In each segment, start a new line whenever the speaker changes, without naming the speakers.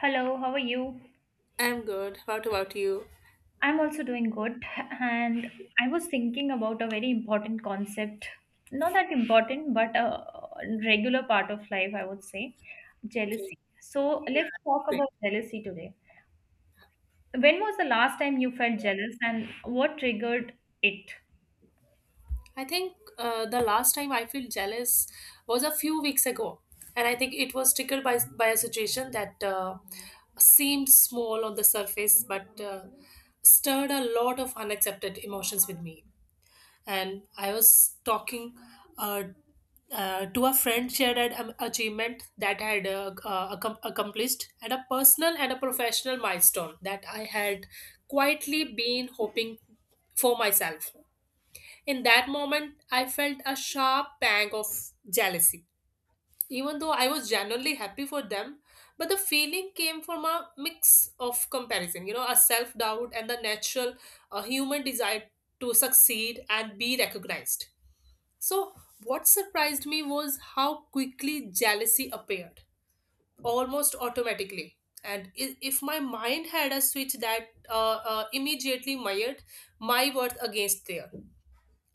Hello, how are you?
I'm good. What about you?
I'm also doing good, and I was thinking about a very important concept. Not that important, but a regular part of life, I would say jealousy. So, let's talk about jealousy today. When was the last time you felt jealous, and what triggered it?
I think the last time I feel jealous was a few weeks ago, and I think it was triggered by a situation that seemed small on the surface, but stirred a lot of unaccepted emotions with me. And I was talking uh, to a friend shared an achievement that I had accomplished and a personal and a professional milestone that I had quietly been hoping for myself. In that moment, I felt a sharp pang of jealousy. Even though I was genuinely happy for them, but the feeling came from a mix of comparison, you know, a self doubt and the natural human desire to succeed and be recognized. So, what surprised me was how quickly jealousy appeared, almost automatically. And if my mind had a switch that immediately mired my worth against theirs,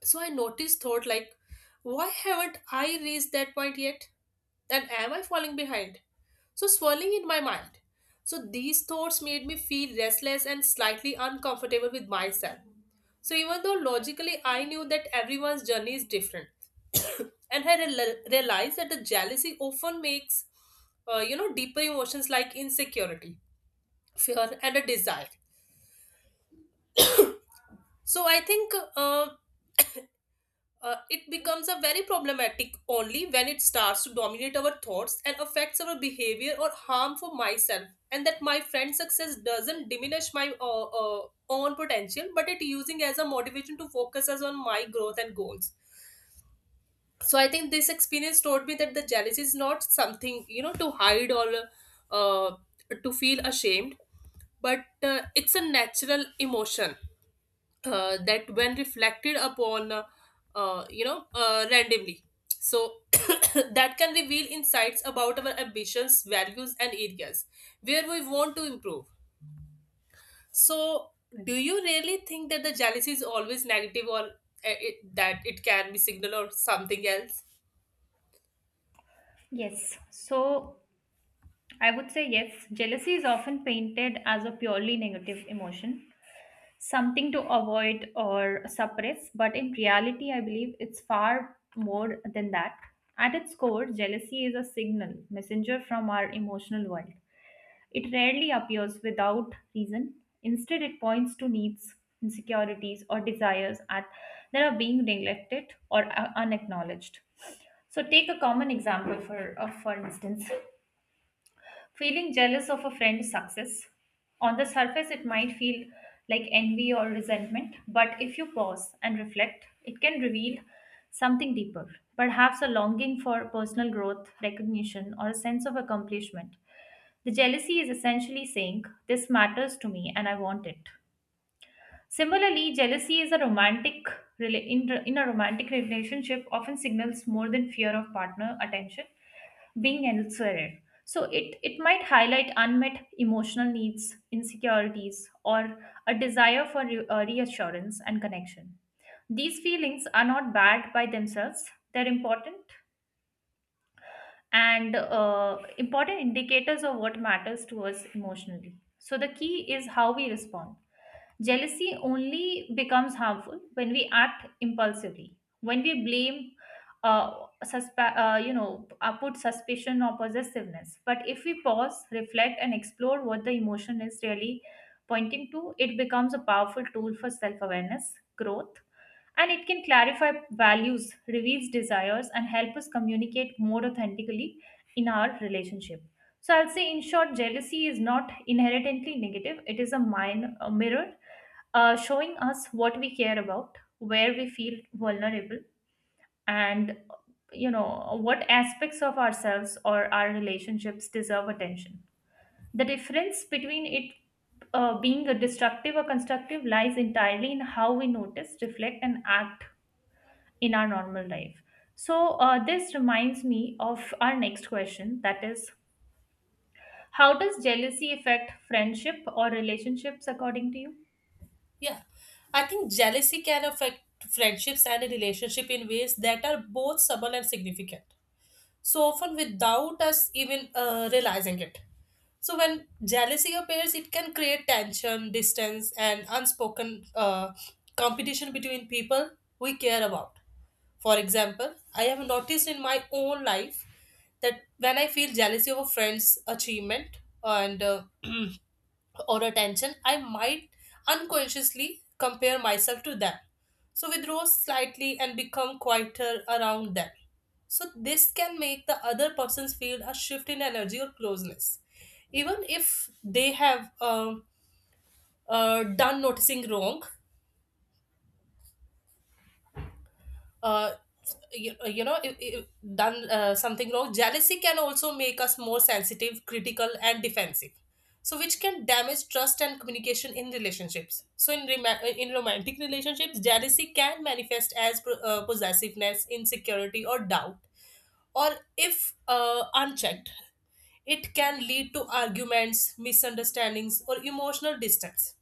so I noticed, thought like, why haven't I reached that point yet? And am I falling behind? So swirling in my mind. So these thoughts made me feel restless and slightly uncomfortable with myself. So even though logically I knew that everyone's journey is different, and I realized that the jealousy often makes, deeper emotions like insecurity, fear, and a desire. So I think it becomes a very problematic only when it starts to dominate our thoughts and affects our behavior or harm for myself, and that my friend's success doesn't diminish my own potential, but it using as a motivation to focus us on my growth and goals. So I think this experience taught me that the jealousy is not something, you know, to hide or uh, to feel ashamed, but it's a natural emotion that when reflected upon, randomly, so that can reveal insights about our ambitions, values, and areas where we want to improve. So do you really think that the jealousy is always negative, or it, that it can be signal or something else?
Yes, so I would say yes. Jealousy is often painted as a purely negative emotion, something to avoid or suppress, but in reality, I believe it's far more than that. At its core, jealousy is a signal, messenger from our emotional world. It rarely appears without reason. Instead, it points to needs, insecurities, or desires at, that are being neglected or unacknowledged. So, take a common example for instance. Feeling jealous of a friend's success. On the surface, it might feel like envy or resentment, but if you pause and reflect, it can reveal something deeper. Perhaps a longing for personal growth, recognition, or a sense of accomplishment. The jealousy is essentially saying, this matters to me and I want it. Similarly, jealousy is a in a romantic relationship often signals more than fear of partner attention being elsewhere. So it might highlight unmet emotional needs, insecurities, or a desire for reassurance and connection. These feelings are not bad by themselves, they're important and important indicators of what matters to us emotionally. So the key is how we respond. Jealousy only becomes harmful when we act impulsively, when we blame, put suspicion or possessiveness. But if we pause, reflect, and explore what the emotion is really pointing to, it becomes a powerful tool for self awareness, growth, and it can clarify values, reveals desires, and help us communicate more authentically in our relationship. So I'll say, in short, jealousy is not inherently negative. It is a, mind a mirror showing us what we care about, where we feel vulnerable, and you know what aspects of ourselves or our relationships deserve attention. The difference between it being a destructive or constructive lies entirely in how we notice, reflect, and act in our normal life. So, this reminds me of our next question, that is, how does jealousy affect friendship or relationships according to you?
Yeah, I think jealousy can affect friendships and a relationship in ways that are both subtle and significant, so often without us even realizing it. So when jealousy appears, it can create tension, distance, and unspoken competition between people we care about. For example, I have noticed in my own life that when I feel jealousy of a friend's achievement and or attention, I might unconsciously compare myself to them. So withdraw slightly and become quieter around them. So this can make the other persons feel a shift in energy or closeness. Even if they have done noticing wrong, uh, you know, if done something wrong, jealousy can also make us more sensitive, critical, and defensive, so which can damage trust and communication in relationships. So in in romantic relationships, jealousy can manifest as possessiveness, insecurity, or doubt, or if unchecked, it can lead to arguments, misunderstandings, or emotional distance.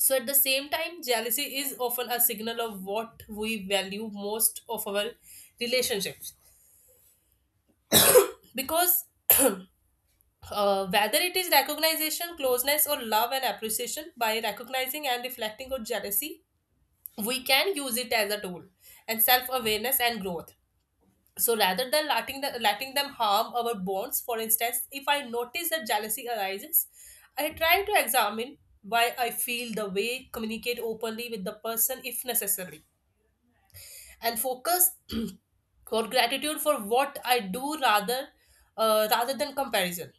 So at the same time, jealousy is often a signal of what we value most of our relationships. Because whether it is recognition, closeness, or love and appreciation, by recognizing and reflecting on jealousy, we can use it as a tool and self awareness and growth. So rather than letting, letting them harm our bonds, for instance, if I notice that jealousy arises, I try to examine why I feel the way, communicate openly with the person if necessary, and focus for gratitude for what I do rather than comparison.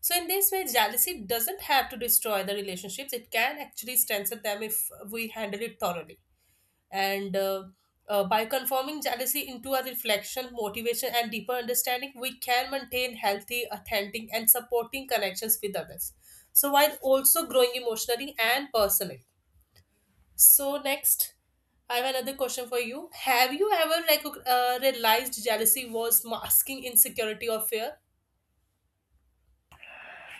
So in this way, jealousy doesn't have to destroy the relationships. It can actually strengthen them if we handle it thoroughly. And by conforming jealousy into a reflection, motivation, and deeper understanding, we can maintain healthy, authentic, and supporting connections with others. So while also growing emotionally and personally. So next, I have another question for you. Have you ever like realized jealousy was masking insecurity or fear?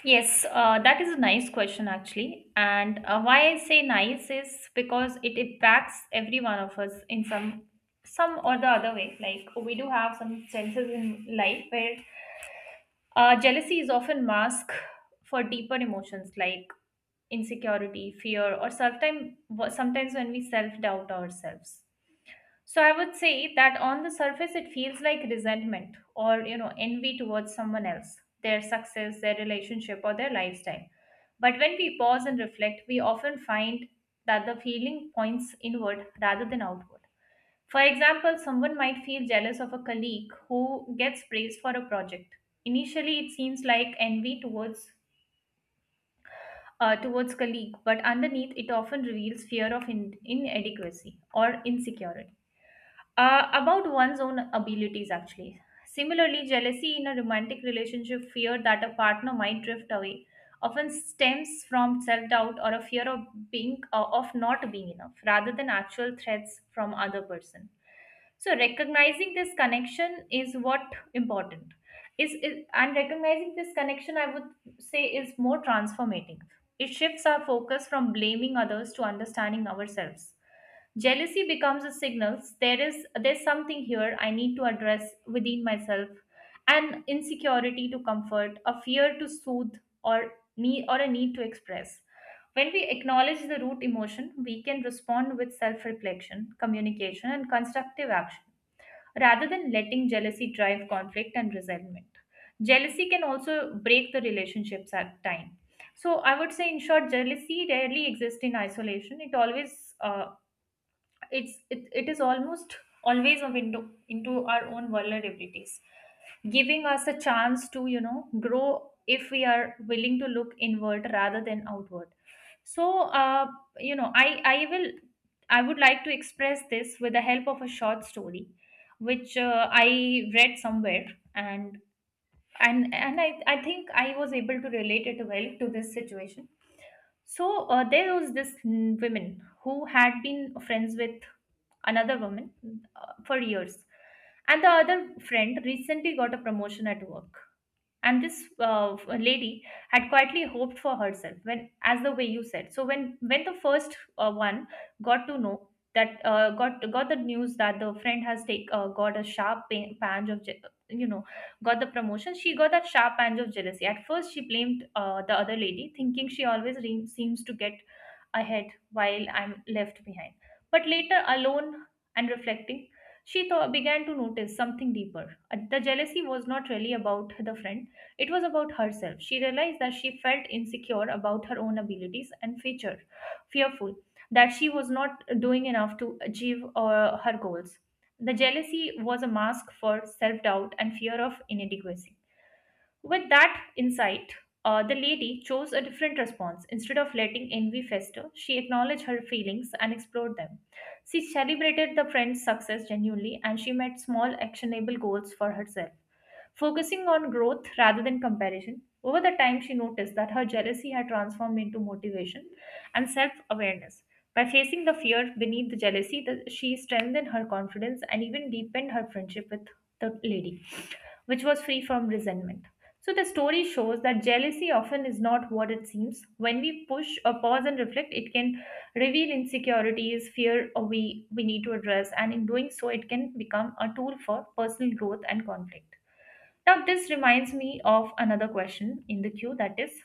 Yes, that is a nice question actually. And why I say nice is because it impacts every one of us in some or the other way. Like we do have some chances in life where jealousy is often masked for deeper emotions like insecurity, fear, or sometimes when we self doubt ourselves. So I would say that on the surface, it feels like resentment or you know envy towards someone else, their success, their relationship, or their lifestyle. But when we pause and reflect, we often find that the feeling points inward rather than outward. For example, someone might feel jealous of a colleague who gets praised for a project. Initially, it seems like envy towards colleague, but underneath, it often reveals fear of inadequacy or insecurity about one's own abilities. Actually, similarly, jealousy in a romantic relationship, fear that a partner might drift away, often stems from self-doubt or a fear of being of not being enough rather than actual threats from other person. So recognizing this connection is what important is and recognizing this connection, I would say, is more transformative. It shifts our focus from blaming others to understanding ourselves. Jealousy becomes a signal: there's something here I need to address within myself, an insecurity to comfort, a fear to soothe, or a need to express. When we acknowledge the root emotion, we can respond with self-reflection, communication, and constructive action, rather than letting jealousy drive conflict and resentment. Jealousy can also break the relationships at time. So I would say, in short, jealousy rarely exists in isolation. It it is almost always a window into our own vulnerabilities, giving us a chance to you know grow if we are willing to look inward rather than outward. So you know i i will I would like to express this with the help of a short story, which I read somewhere, and I think I was able to relate it well to this situation. So there was this woman who had been friends with another woman, for years. And the other friend recently got a promotion at work, and this lady had quietly hoped for herself. When, as the way you said, so when the first one got to know that got the news that the friend has take got a sharp pain, pange of je- you know got the promotion, she got that sharp pange of jealousy. At first she blamed the other lady, thinking she always seems to get ahead while I'm left behind. But later, alone and reflecting, she began to notice something deeper. The jealousy was not really about the friend, it was about herself. She realized that she felt insecure about her own abilities and feature, fearful that she was not doing enough to achieve her goals. The jealousy was a mask for self doubt and fear of inadequacy. With that insight, the lady chose a different response. Instead of letting envy fester, she acknowledged her feelings and explored them. She celebrated the friend's success genuinely, and she met small actionable goals for herself. Focusing on growth rather than comparison, over the time she noticed that her jealousy had transformed into motivation and self awareness. By facing the fear beneath the jealousy, she strengthened her confidence and even deepened her friendship with the lady, which was free from resentment. So, the story shows that jealousy often is not what it seems. When we push or pause and reflect, it can reveal insecurities, fear we need to address, and in doing so, it can become a tool for personal growth and conflict. Now, this reminds me of another question in the queue, that is,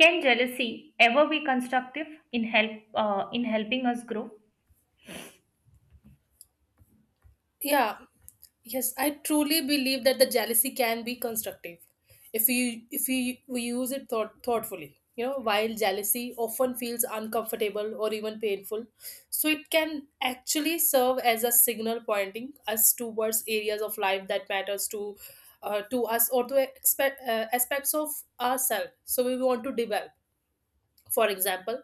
can jealousy ever be constructive in helping us grow?
Yeah, yes, I truly believe that the jealousy can be constructive if you we use it thoughtfully. You know, while jealousy often feels uncomfortable or even painful, so it can actually serve as a signal pointing us towards areas of life that matters to us or to expect, aspects of ourselves. So we want to develop. For example,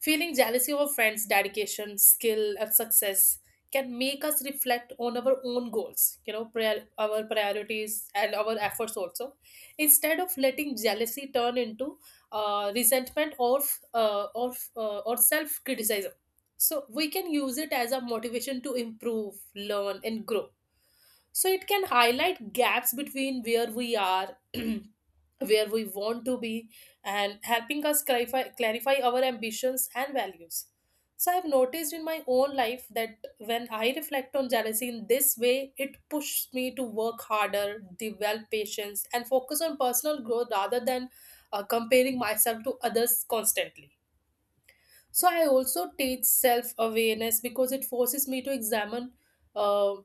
feeling jealousy of friends' dedication, skill, and success can make us reflect on our own goals, you know, our priorities and our efforts also, instead of letting jealousy turn into resentment or or self criticism. So we can use it as a motivation to improve, learn, and grow. So it can highlight gaps between where we are where we want to be, and helping us clarify our ambitions and values. So, I've noticed in my own life that when I reflect on jealousy in this way, it pushes me to work harder, develop patience, and focus on personal growth rather than comparing myself to others constantly. So I also teach self awareness because it forces me to examine uh,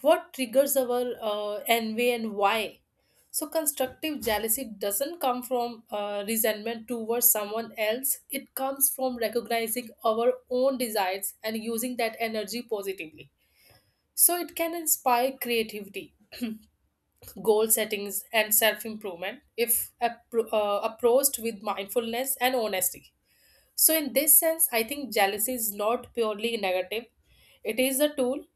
what triggers our envy and why. So constructive jealousy doesn't come from resentment towards someone else. It comes from recognizing our own desires and using that energy positively. So it can inspire creativity, goal settings, and self improvement if approached with mindfulness and honesty. So, in this sense, I think jealousy is not purely negative, it is a tool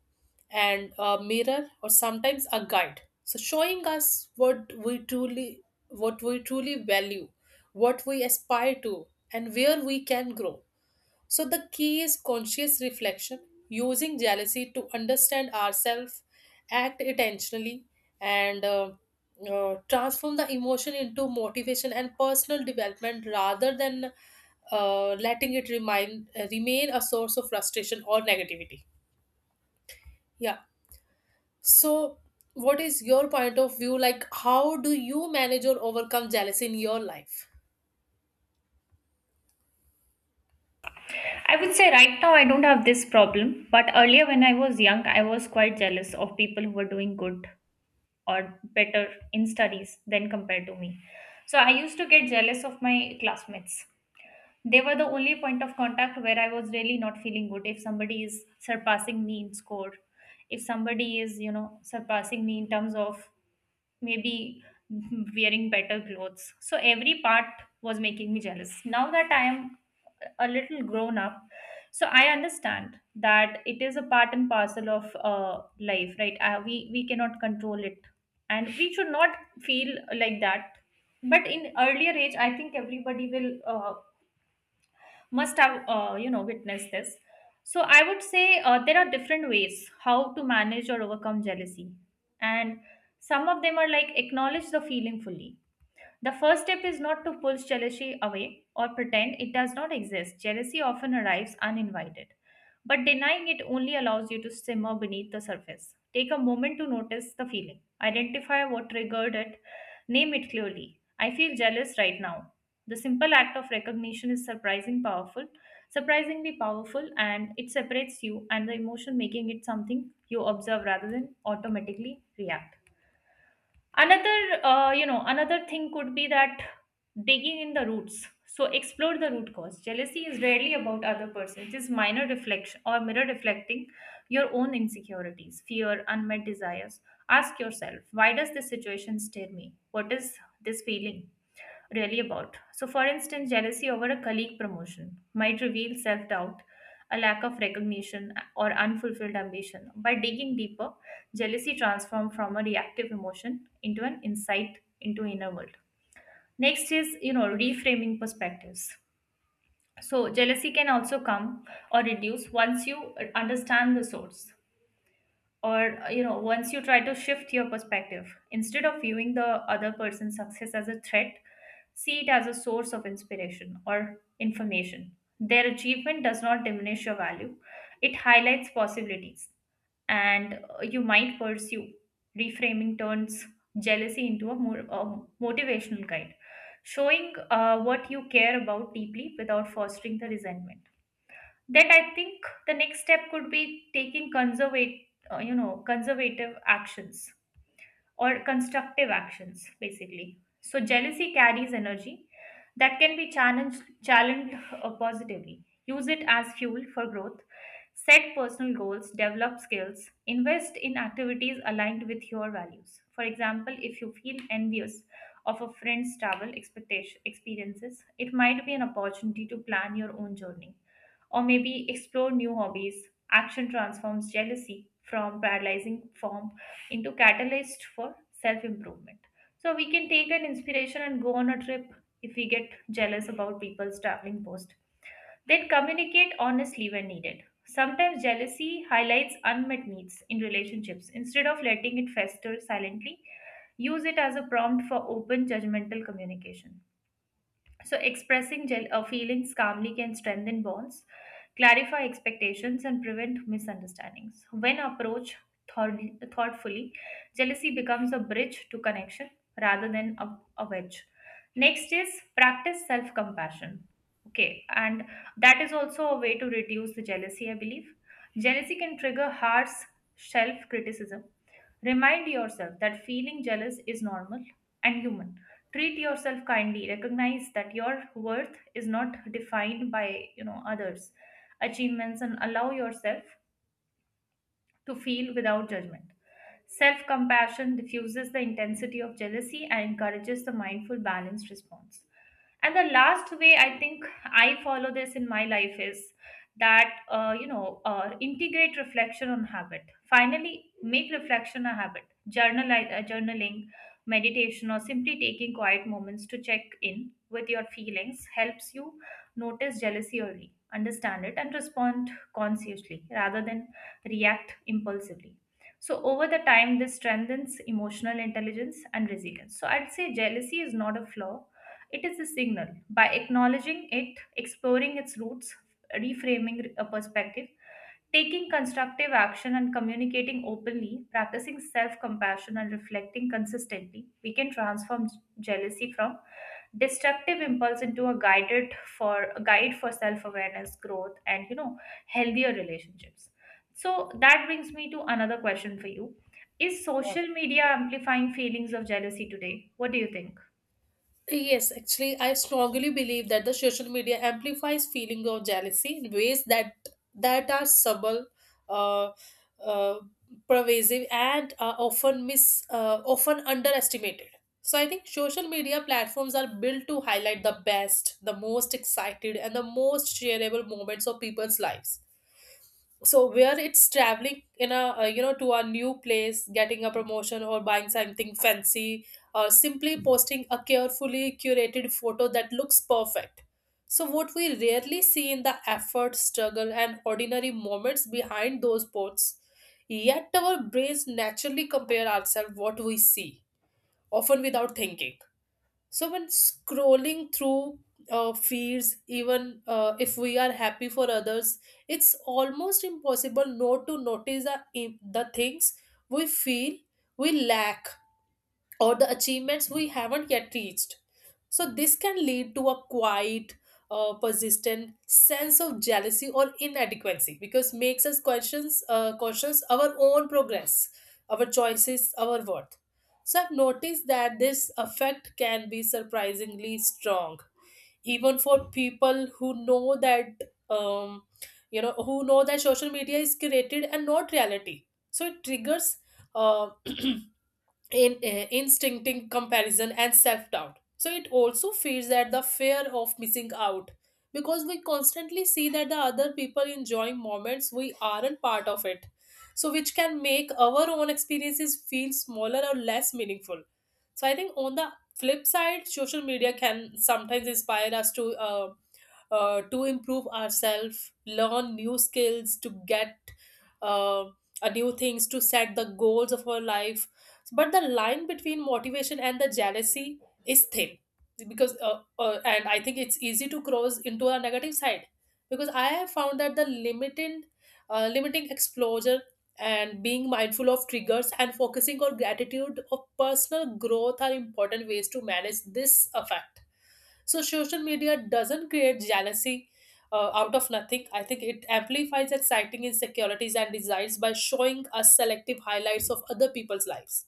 and a mirror, or sometimes a guide, so showing us what we truly value, what we aspire to, and where we can grow. So, the key is conscious reflection, using jealousy to understand ourselves, act intentionally, and transform the emotion into motivation and personal development rather than letting it remain a source of frustration or negativity. Yeah. So, what is your point of view? Like, how do you manage or overcome jealousy in your life?
I would say right now I don't have this problem, but earlier when I was young, I was quite jealous of people who were doing good or better in studies than compared to me. So I used to get jealous of my classmates. They were the only point of contact where I was really not feeling good if somebody is surpassing me in score, if somebody is, you know, surpassing me in terms of maybe wearing better clothes. So every part was making me jealous. Now that I am a little grown up, so I understand that it is a part and parcel of life, right? We cannot control it, and we should not feel like that. But in earlier age, I think everybody will must have you know witnessed this. So I would say there are different ways how to manage or overcome jealousy, and some of them are like: acknowledge the feeling fully. The first step is not to push jealousy away or pretend it does not exist. Jealousy often arrives uninvited, but denying it only allows you to simmer beneath the surface. Take a moment to notice the feeling, identify what triggered it, name it clearly. I feel jealous right now. The simple act of recognition is surprisingly powerful, and it separates you and the emotion, making it something you observe rather than automatically react. Another another thing could be that digging in the roots. So explore the root cause. Jealousy is rarely about other person, it is minor reflection or mirror reflecting your own insecurities, fear, unmet desires. Ask yourself, why does this situation stir me? What is this feeling really about? So for instance, jealousy over a colleague promotion might reveal self doubt, a lack of recognition, or unfulfilled ambition. By digging deeper, jealousy transforms from a reactive emotion into an insight into inner world. Next is, you know, reframing perspectives. So jealousy can also come or reduce once you understand the source, or once you try to shift your perspective. Instead of viewing the other person's success as a threat, see it as a source of inspiration or information. Their achievement does not diminish your value, it highlights possibilities and you might pursue. Reframing turns jealousy into a more motivational guide, showing what you care about deeply without fostering the resentment. That I think the next step could be taking conservative actions or constructive actions basically. So jealousy carries energy that can be challenged positively. Use it as fuel for growth, set personal goals, develop skills, invest in activities aligned with your values. For example, if you feel envious of a friend's travel expectation experiences, it might be an opportunity to plan your own journey or maybe explore new hobbies. Action transforms jealousy from paralyzing form into catalyst for self improvement. So we can take an inspiration and go on a trip if we get jealous about people's traveling post. Then communicate honestly when needed. Sometimes jealousy highlights unmet needs in relationships. Instead of letting it fester silently, use it as a prompt for open judgmental communication. So, expressing feelings calmly can strengthen bonds, clarify expectations, and prevent misunderstandings. When approached thoughtfully, jealousy becomes a bridge to connection rather than a wedge. Next is practice self compassion. Okay, and that is also a way to reduce the jealousy, I believe. Jealousy can trigger harsh self criticism. Remind yourself that feeling jealous is normal and human. Treat yourself kindly, recognize that your worth is not defined by others' achievements, and allow yourself to feel without judgment. Self compassion diffuses the intensity of jealousy and encourages the mindful, balanced response. And the last way I think I follow this in my life is that integrate reflection on habit. Finally, make reflection a habit. Journaling, meditation, or simply taking quiet moments to check in with your feelings helps you notice jealousy early, understand it, and respond consciously rather than react impulsively. So, over the time, this strengthens emotional intelligence and resilience. So, I'd say jealousy is not a flaw, it is a signal. By acknowledging it, exploring its roots, reframing a perspective, taking constructive action and communicating openly, practicing self compassion and reflecting consistently, we can transform jealousy from destructive impulse into a guide for self awareness, growth, and healthier relationships. So that brings me to another question for you. Is social media amplifying feelings of jealousy today? What do you think?
Yes, actually, I strongly believe that the social media amplifies feeling of jealousy in ways that are subtle, uh, uh, pervasive, and often mis often underestimated. So I think social media platforms are built to highlight the best, the most excited, and the most shareable moments of people's lives, so where it's traveling in a, you know, to a new place, getting a promotion, or buying something fancy, or simply posting a carefully curated photo that looks perfect. So what we rarely see in the effort, struggle, and ordinary moments behind those posts. Yet our brains naturally compare ourselves what we see, often without thinking. So when scrolling through feeds, even if we are happy for others, it's almost impossible not to notice the things we feel we lack or the achievements we haven't yet reached. So, this can lead to a quiet, persistent sense of jealousy or inadequacy because makes us questions our own progress, our choices, our worth. So, I've noticed that this effect can be surprisingly strong, even for people who know that you know, who know that social media is curated and not reality. So, it triggers. Uh, in instincting comparison and self-doubt, so it also feeds at the fear of missing out, because we constantly see that the other people enjoying moments we aren't part of it, so which can make our own experiences feel smaller or less meaningful. So I think on the flip side, social media can sometimes inspire us to improve ourselves, learn new skills, to get uh, a new things, to set the goals of our life. But the line between motivation and the jealousy is thin, because and I think it's easy to cross into a negative side, because I have found that the limited limiting exposure and being mindful of triggers and focusing on gratitude of personal growth are important ways to manage this effect. So social media doesn't create jealousy out of nothing. I think it amplifies exciting insecurities and desires by showing us selective highlights of other people's lives.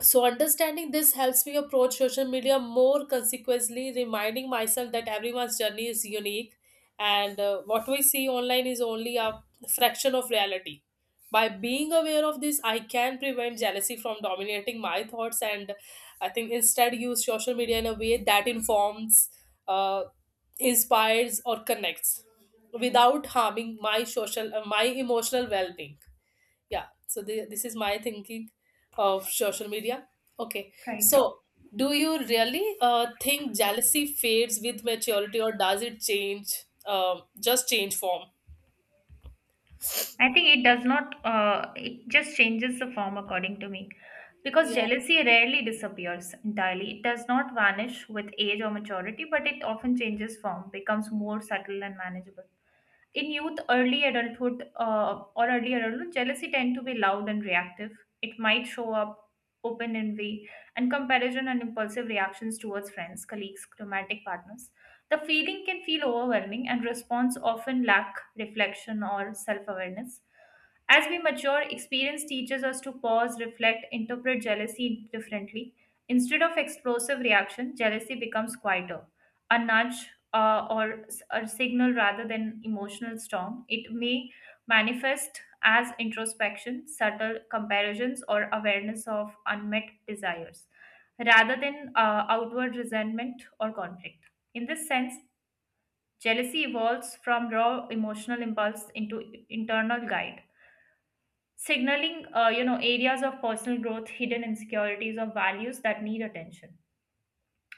So understanding this helps me approach social media more consequently, reminding myself that everyone's journey is unique, and what we see online is only a fraction of reality. By being aware of this, I can prevent jealousy from dominating my thoughts, and I think instead use social media in a way that informs, uh, inspires, or connects, without harming my my emotional well-being. Yeah, so this is my thinking of social media. Okay,
Right.
so do you really think jealousy fades with maturity, or does it change, just change form?
I think it does not, it just changes the form according to me. Because
Yeah,
jealousy rarely disappears entirely. It does not vanish with age or maturity, but it often changes form, becomes more subtle and manageable. In youth, or early adulthood, jealousy tend to be loud and reactive. It might show up open envy and comparison and impulsive reactions towards friends, colleagues, romantic partners. The feeling can feel overwhelming and response often lack reflection or self-awareness. As we mature, experience teaches us to pause, reflect, interpret jealousy differently. Instead of explosive reaction, jealousy becomes quieter, a nudge or a signal rather than emotional storm. It may manifest as introspection, subtle comparisons, or awareness of unmet desires, rather than outward resentment or conflict. In this sense, jealousy evolves from raw emotional impulse into internal guide, signaling areas of personal growth, hidden insecurities, or values that need attention.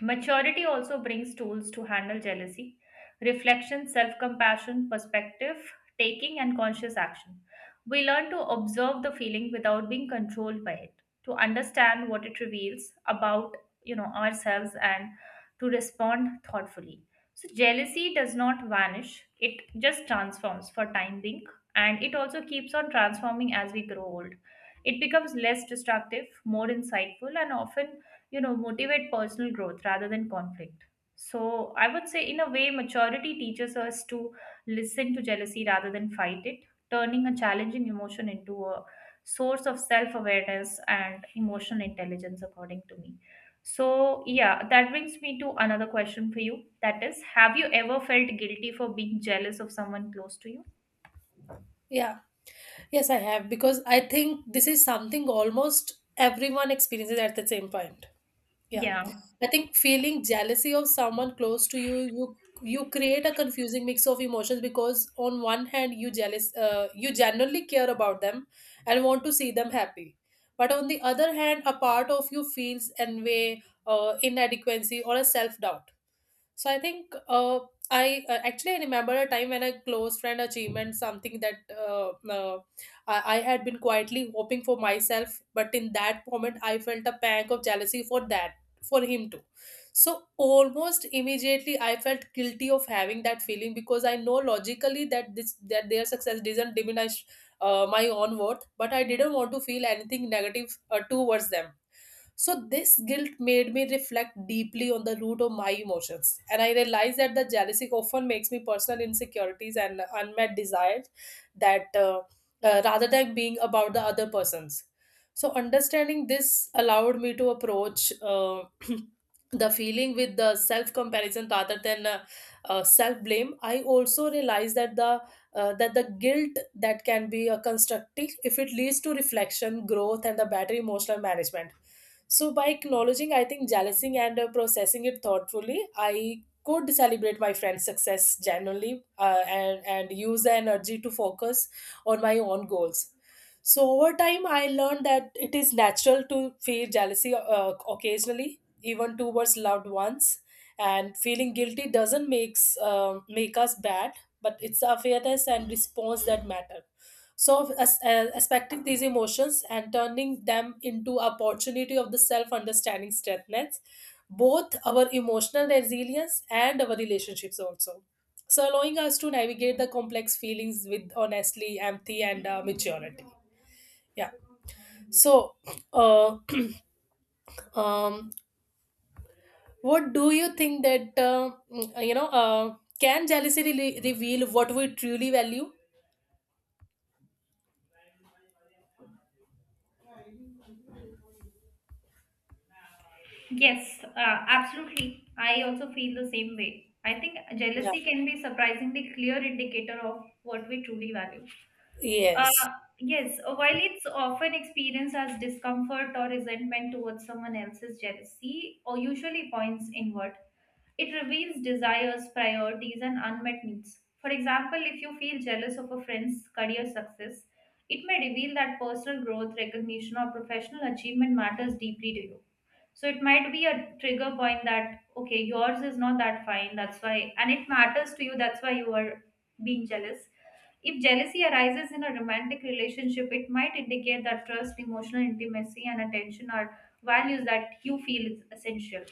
Maturity also brings tools to handle jealousy, reflection, self compassion, perspective, taking, and conscious action. We learn to observe the feeling without being controlled by it, to understand what it reveals about ourselves, and to respond thoughtfully. So jealousy does not vanish, it just transforms for time being, and it also keeps on transforming as we grow old. It becomes less destructive, more insightful, and often motivate personal growth rather than conflict. So I would say in a way maturity teaches us to listen to jealousy rather than fight it, turning a challenging emotion into a source of self awareness and emotional intelligence according to me. So yeah, that brings me to another question for you. That is, have you ever felt guilty for being jealous of someone close to you?
yeah, yes I have, because I think this is something almost everyone experiences at the same point. Yeah.
Yeah.
I think feeling jealousy of someone close to you, you create a confusing mix of emotions, because on one hand you jealous, you genuinely care about them and want to see them happy. But on the other hand, a part of you feels envy, inadequacy, or a self-doubt. So I think I actually I remember a time when a close friend achievement something that I had been quietly hoping for myself, but in that moment I felt a pang of jealousy for that for him too. So almost immediately I felt guilty of having that feeling, because I know logically that this that their success doesn't diminish my own worth, but I didn't want to feel anything negative towards them. So, this guilt made me reflect deeply on the root of my emotions. And I realized that the jealousy often makes me personal insecurities and unmet desires that rather than being about the other person's. So, understanding this allowed me to approach the feeling with the self comparison rather than self blame. I also realized that the guilt that can be constructive if it leads to reflection, growth, and the better emotional management. So, by acknowledging, I think, jealousy and processing it thoughtfully, I could celebrate my friend's success genuinely, and use the energy to focus on my own goals. So, over time, I learned that it is natural to feel jealousy occasionally, even towards loved ones. And feeling guilty doesn't make us bad, but it's the awareness and response that matter. So, aspecting these emotions and turning them into opportunity of the self-understanding strengthens both our emotional resilience and our relationships also. So, allowing us to navigate the complex feelings with honestly empathy and maturity. Yeah. So, uh, um, what do you think that you know? Can jealousy reveal what we truly value?
Yes, absolutely. I also feel the same way. I think
Yeah.
jealousy can be surprisingly clear indicator of what we truly value. Uh,
Yes.
yes, while it's often experienced as discomfort or resentment towards someone else's jealousy, or usually points inward, it reveals desires, priorities, and unmet needs. For example, if you feel jealous of a friend's career success, it may reveal that personal growth, recognition, or professional achievement matters deeply to you. So it might be a trigger point that okay, yours is not that fine, that's why, and it matters to you, that's why you are being jealous. If jealousy arises in a romantic relationship, it might indicate that trust, emotional intimacy, and attention are values that you feel is essential.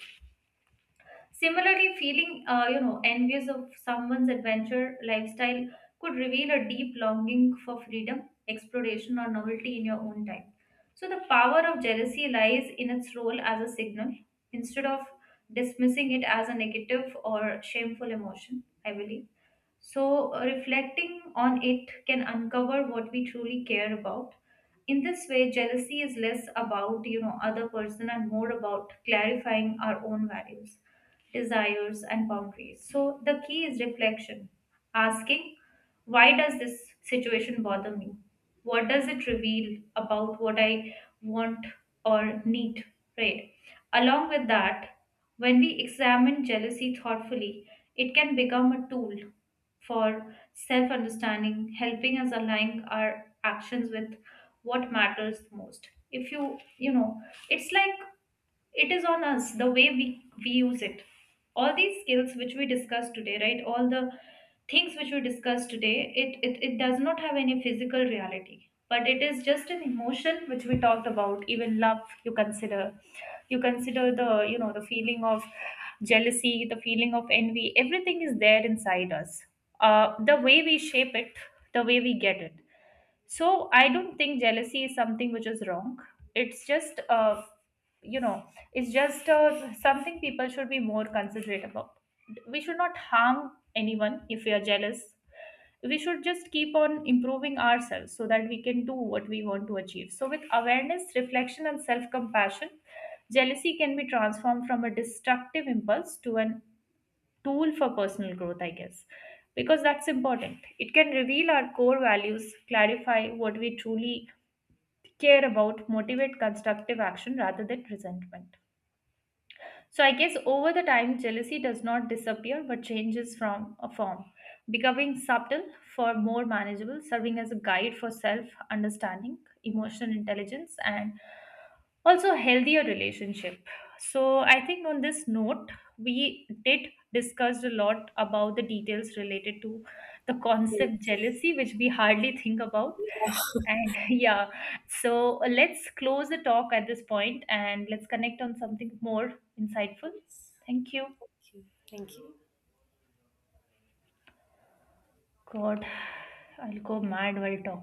Similarly, feeling envious of someone's adventure lifestyle could reveal a deep longing for freedom, exploration, or novelty in your own time. So the power of jealousy lies in its role as a signal. Instead of dismissing it as a negative or shameful emotion, I believe. So, reflecting on it can uncover what we truly care about. In this way, jealousy is less about, you know, other person and more about clarifying our own values, desires, and boundaries. So, the key is reflection, asking, why does this situation bother me? What does it reveal about what I want or need, right? Along with that, when we examine jealousy thoughtfully, it can become a tool for self understanding, helping us align our actions with what matters most. If you, you know, it's like it is on us the way we use it. All these skills which we discussed today, right, all the things which we discussed today, it does not have any physical reality, but it is just an emotion which we talked about. Even love, you consider you consider the you know the feeling of jealousy, the feeling of envy, everything is there inside us. The way we shape it, the way we get it. So I don't think jealousy is something which is wrong. It's just, you know, it's just something people should be more considerate about. We should not harm anyone if we are jealous. We should just keep on improving ourselves so that we can do what we want to achieve. So, with awareness, reflection, and self compassion, jealousy can be transformed from a destructive impulse to an tool for personal growth, I guess, because that's important. It can reveal our core values, clarify what we truly care about, motivate constructive action rather than resentment. So I guess over the time, jealousy does not disappear but changes from a form, becoming subtle for more manageable, serving as a guide for self understanding, emotional intelligence, and also healthier relationship. So I think on this note, we did discussed a lot about the details related to the
Yes.
concept jealousy, which we hardly think about and yeah, so let's close the talk at this point and let's connect on something more insightful. Thank you.
Thank you. Thank you.
God, I'll go mad while talking.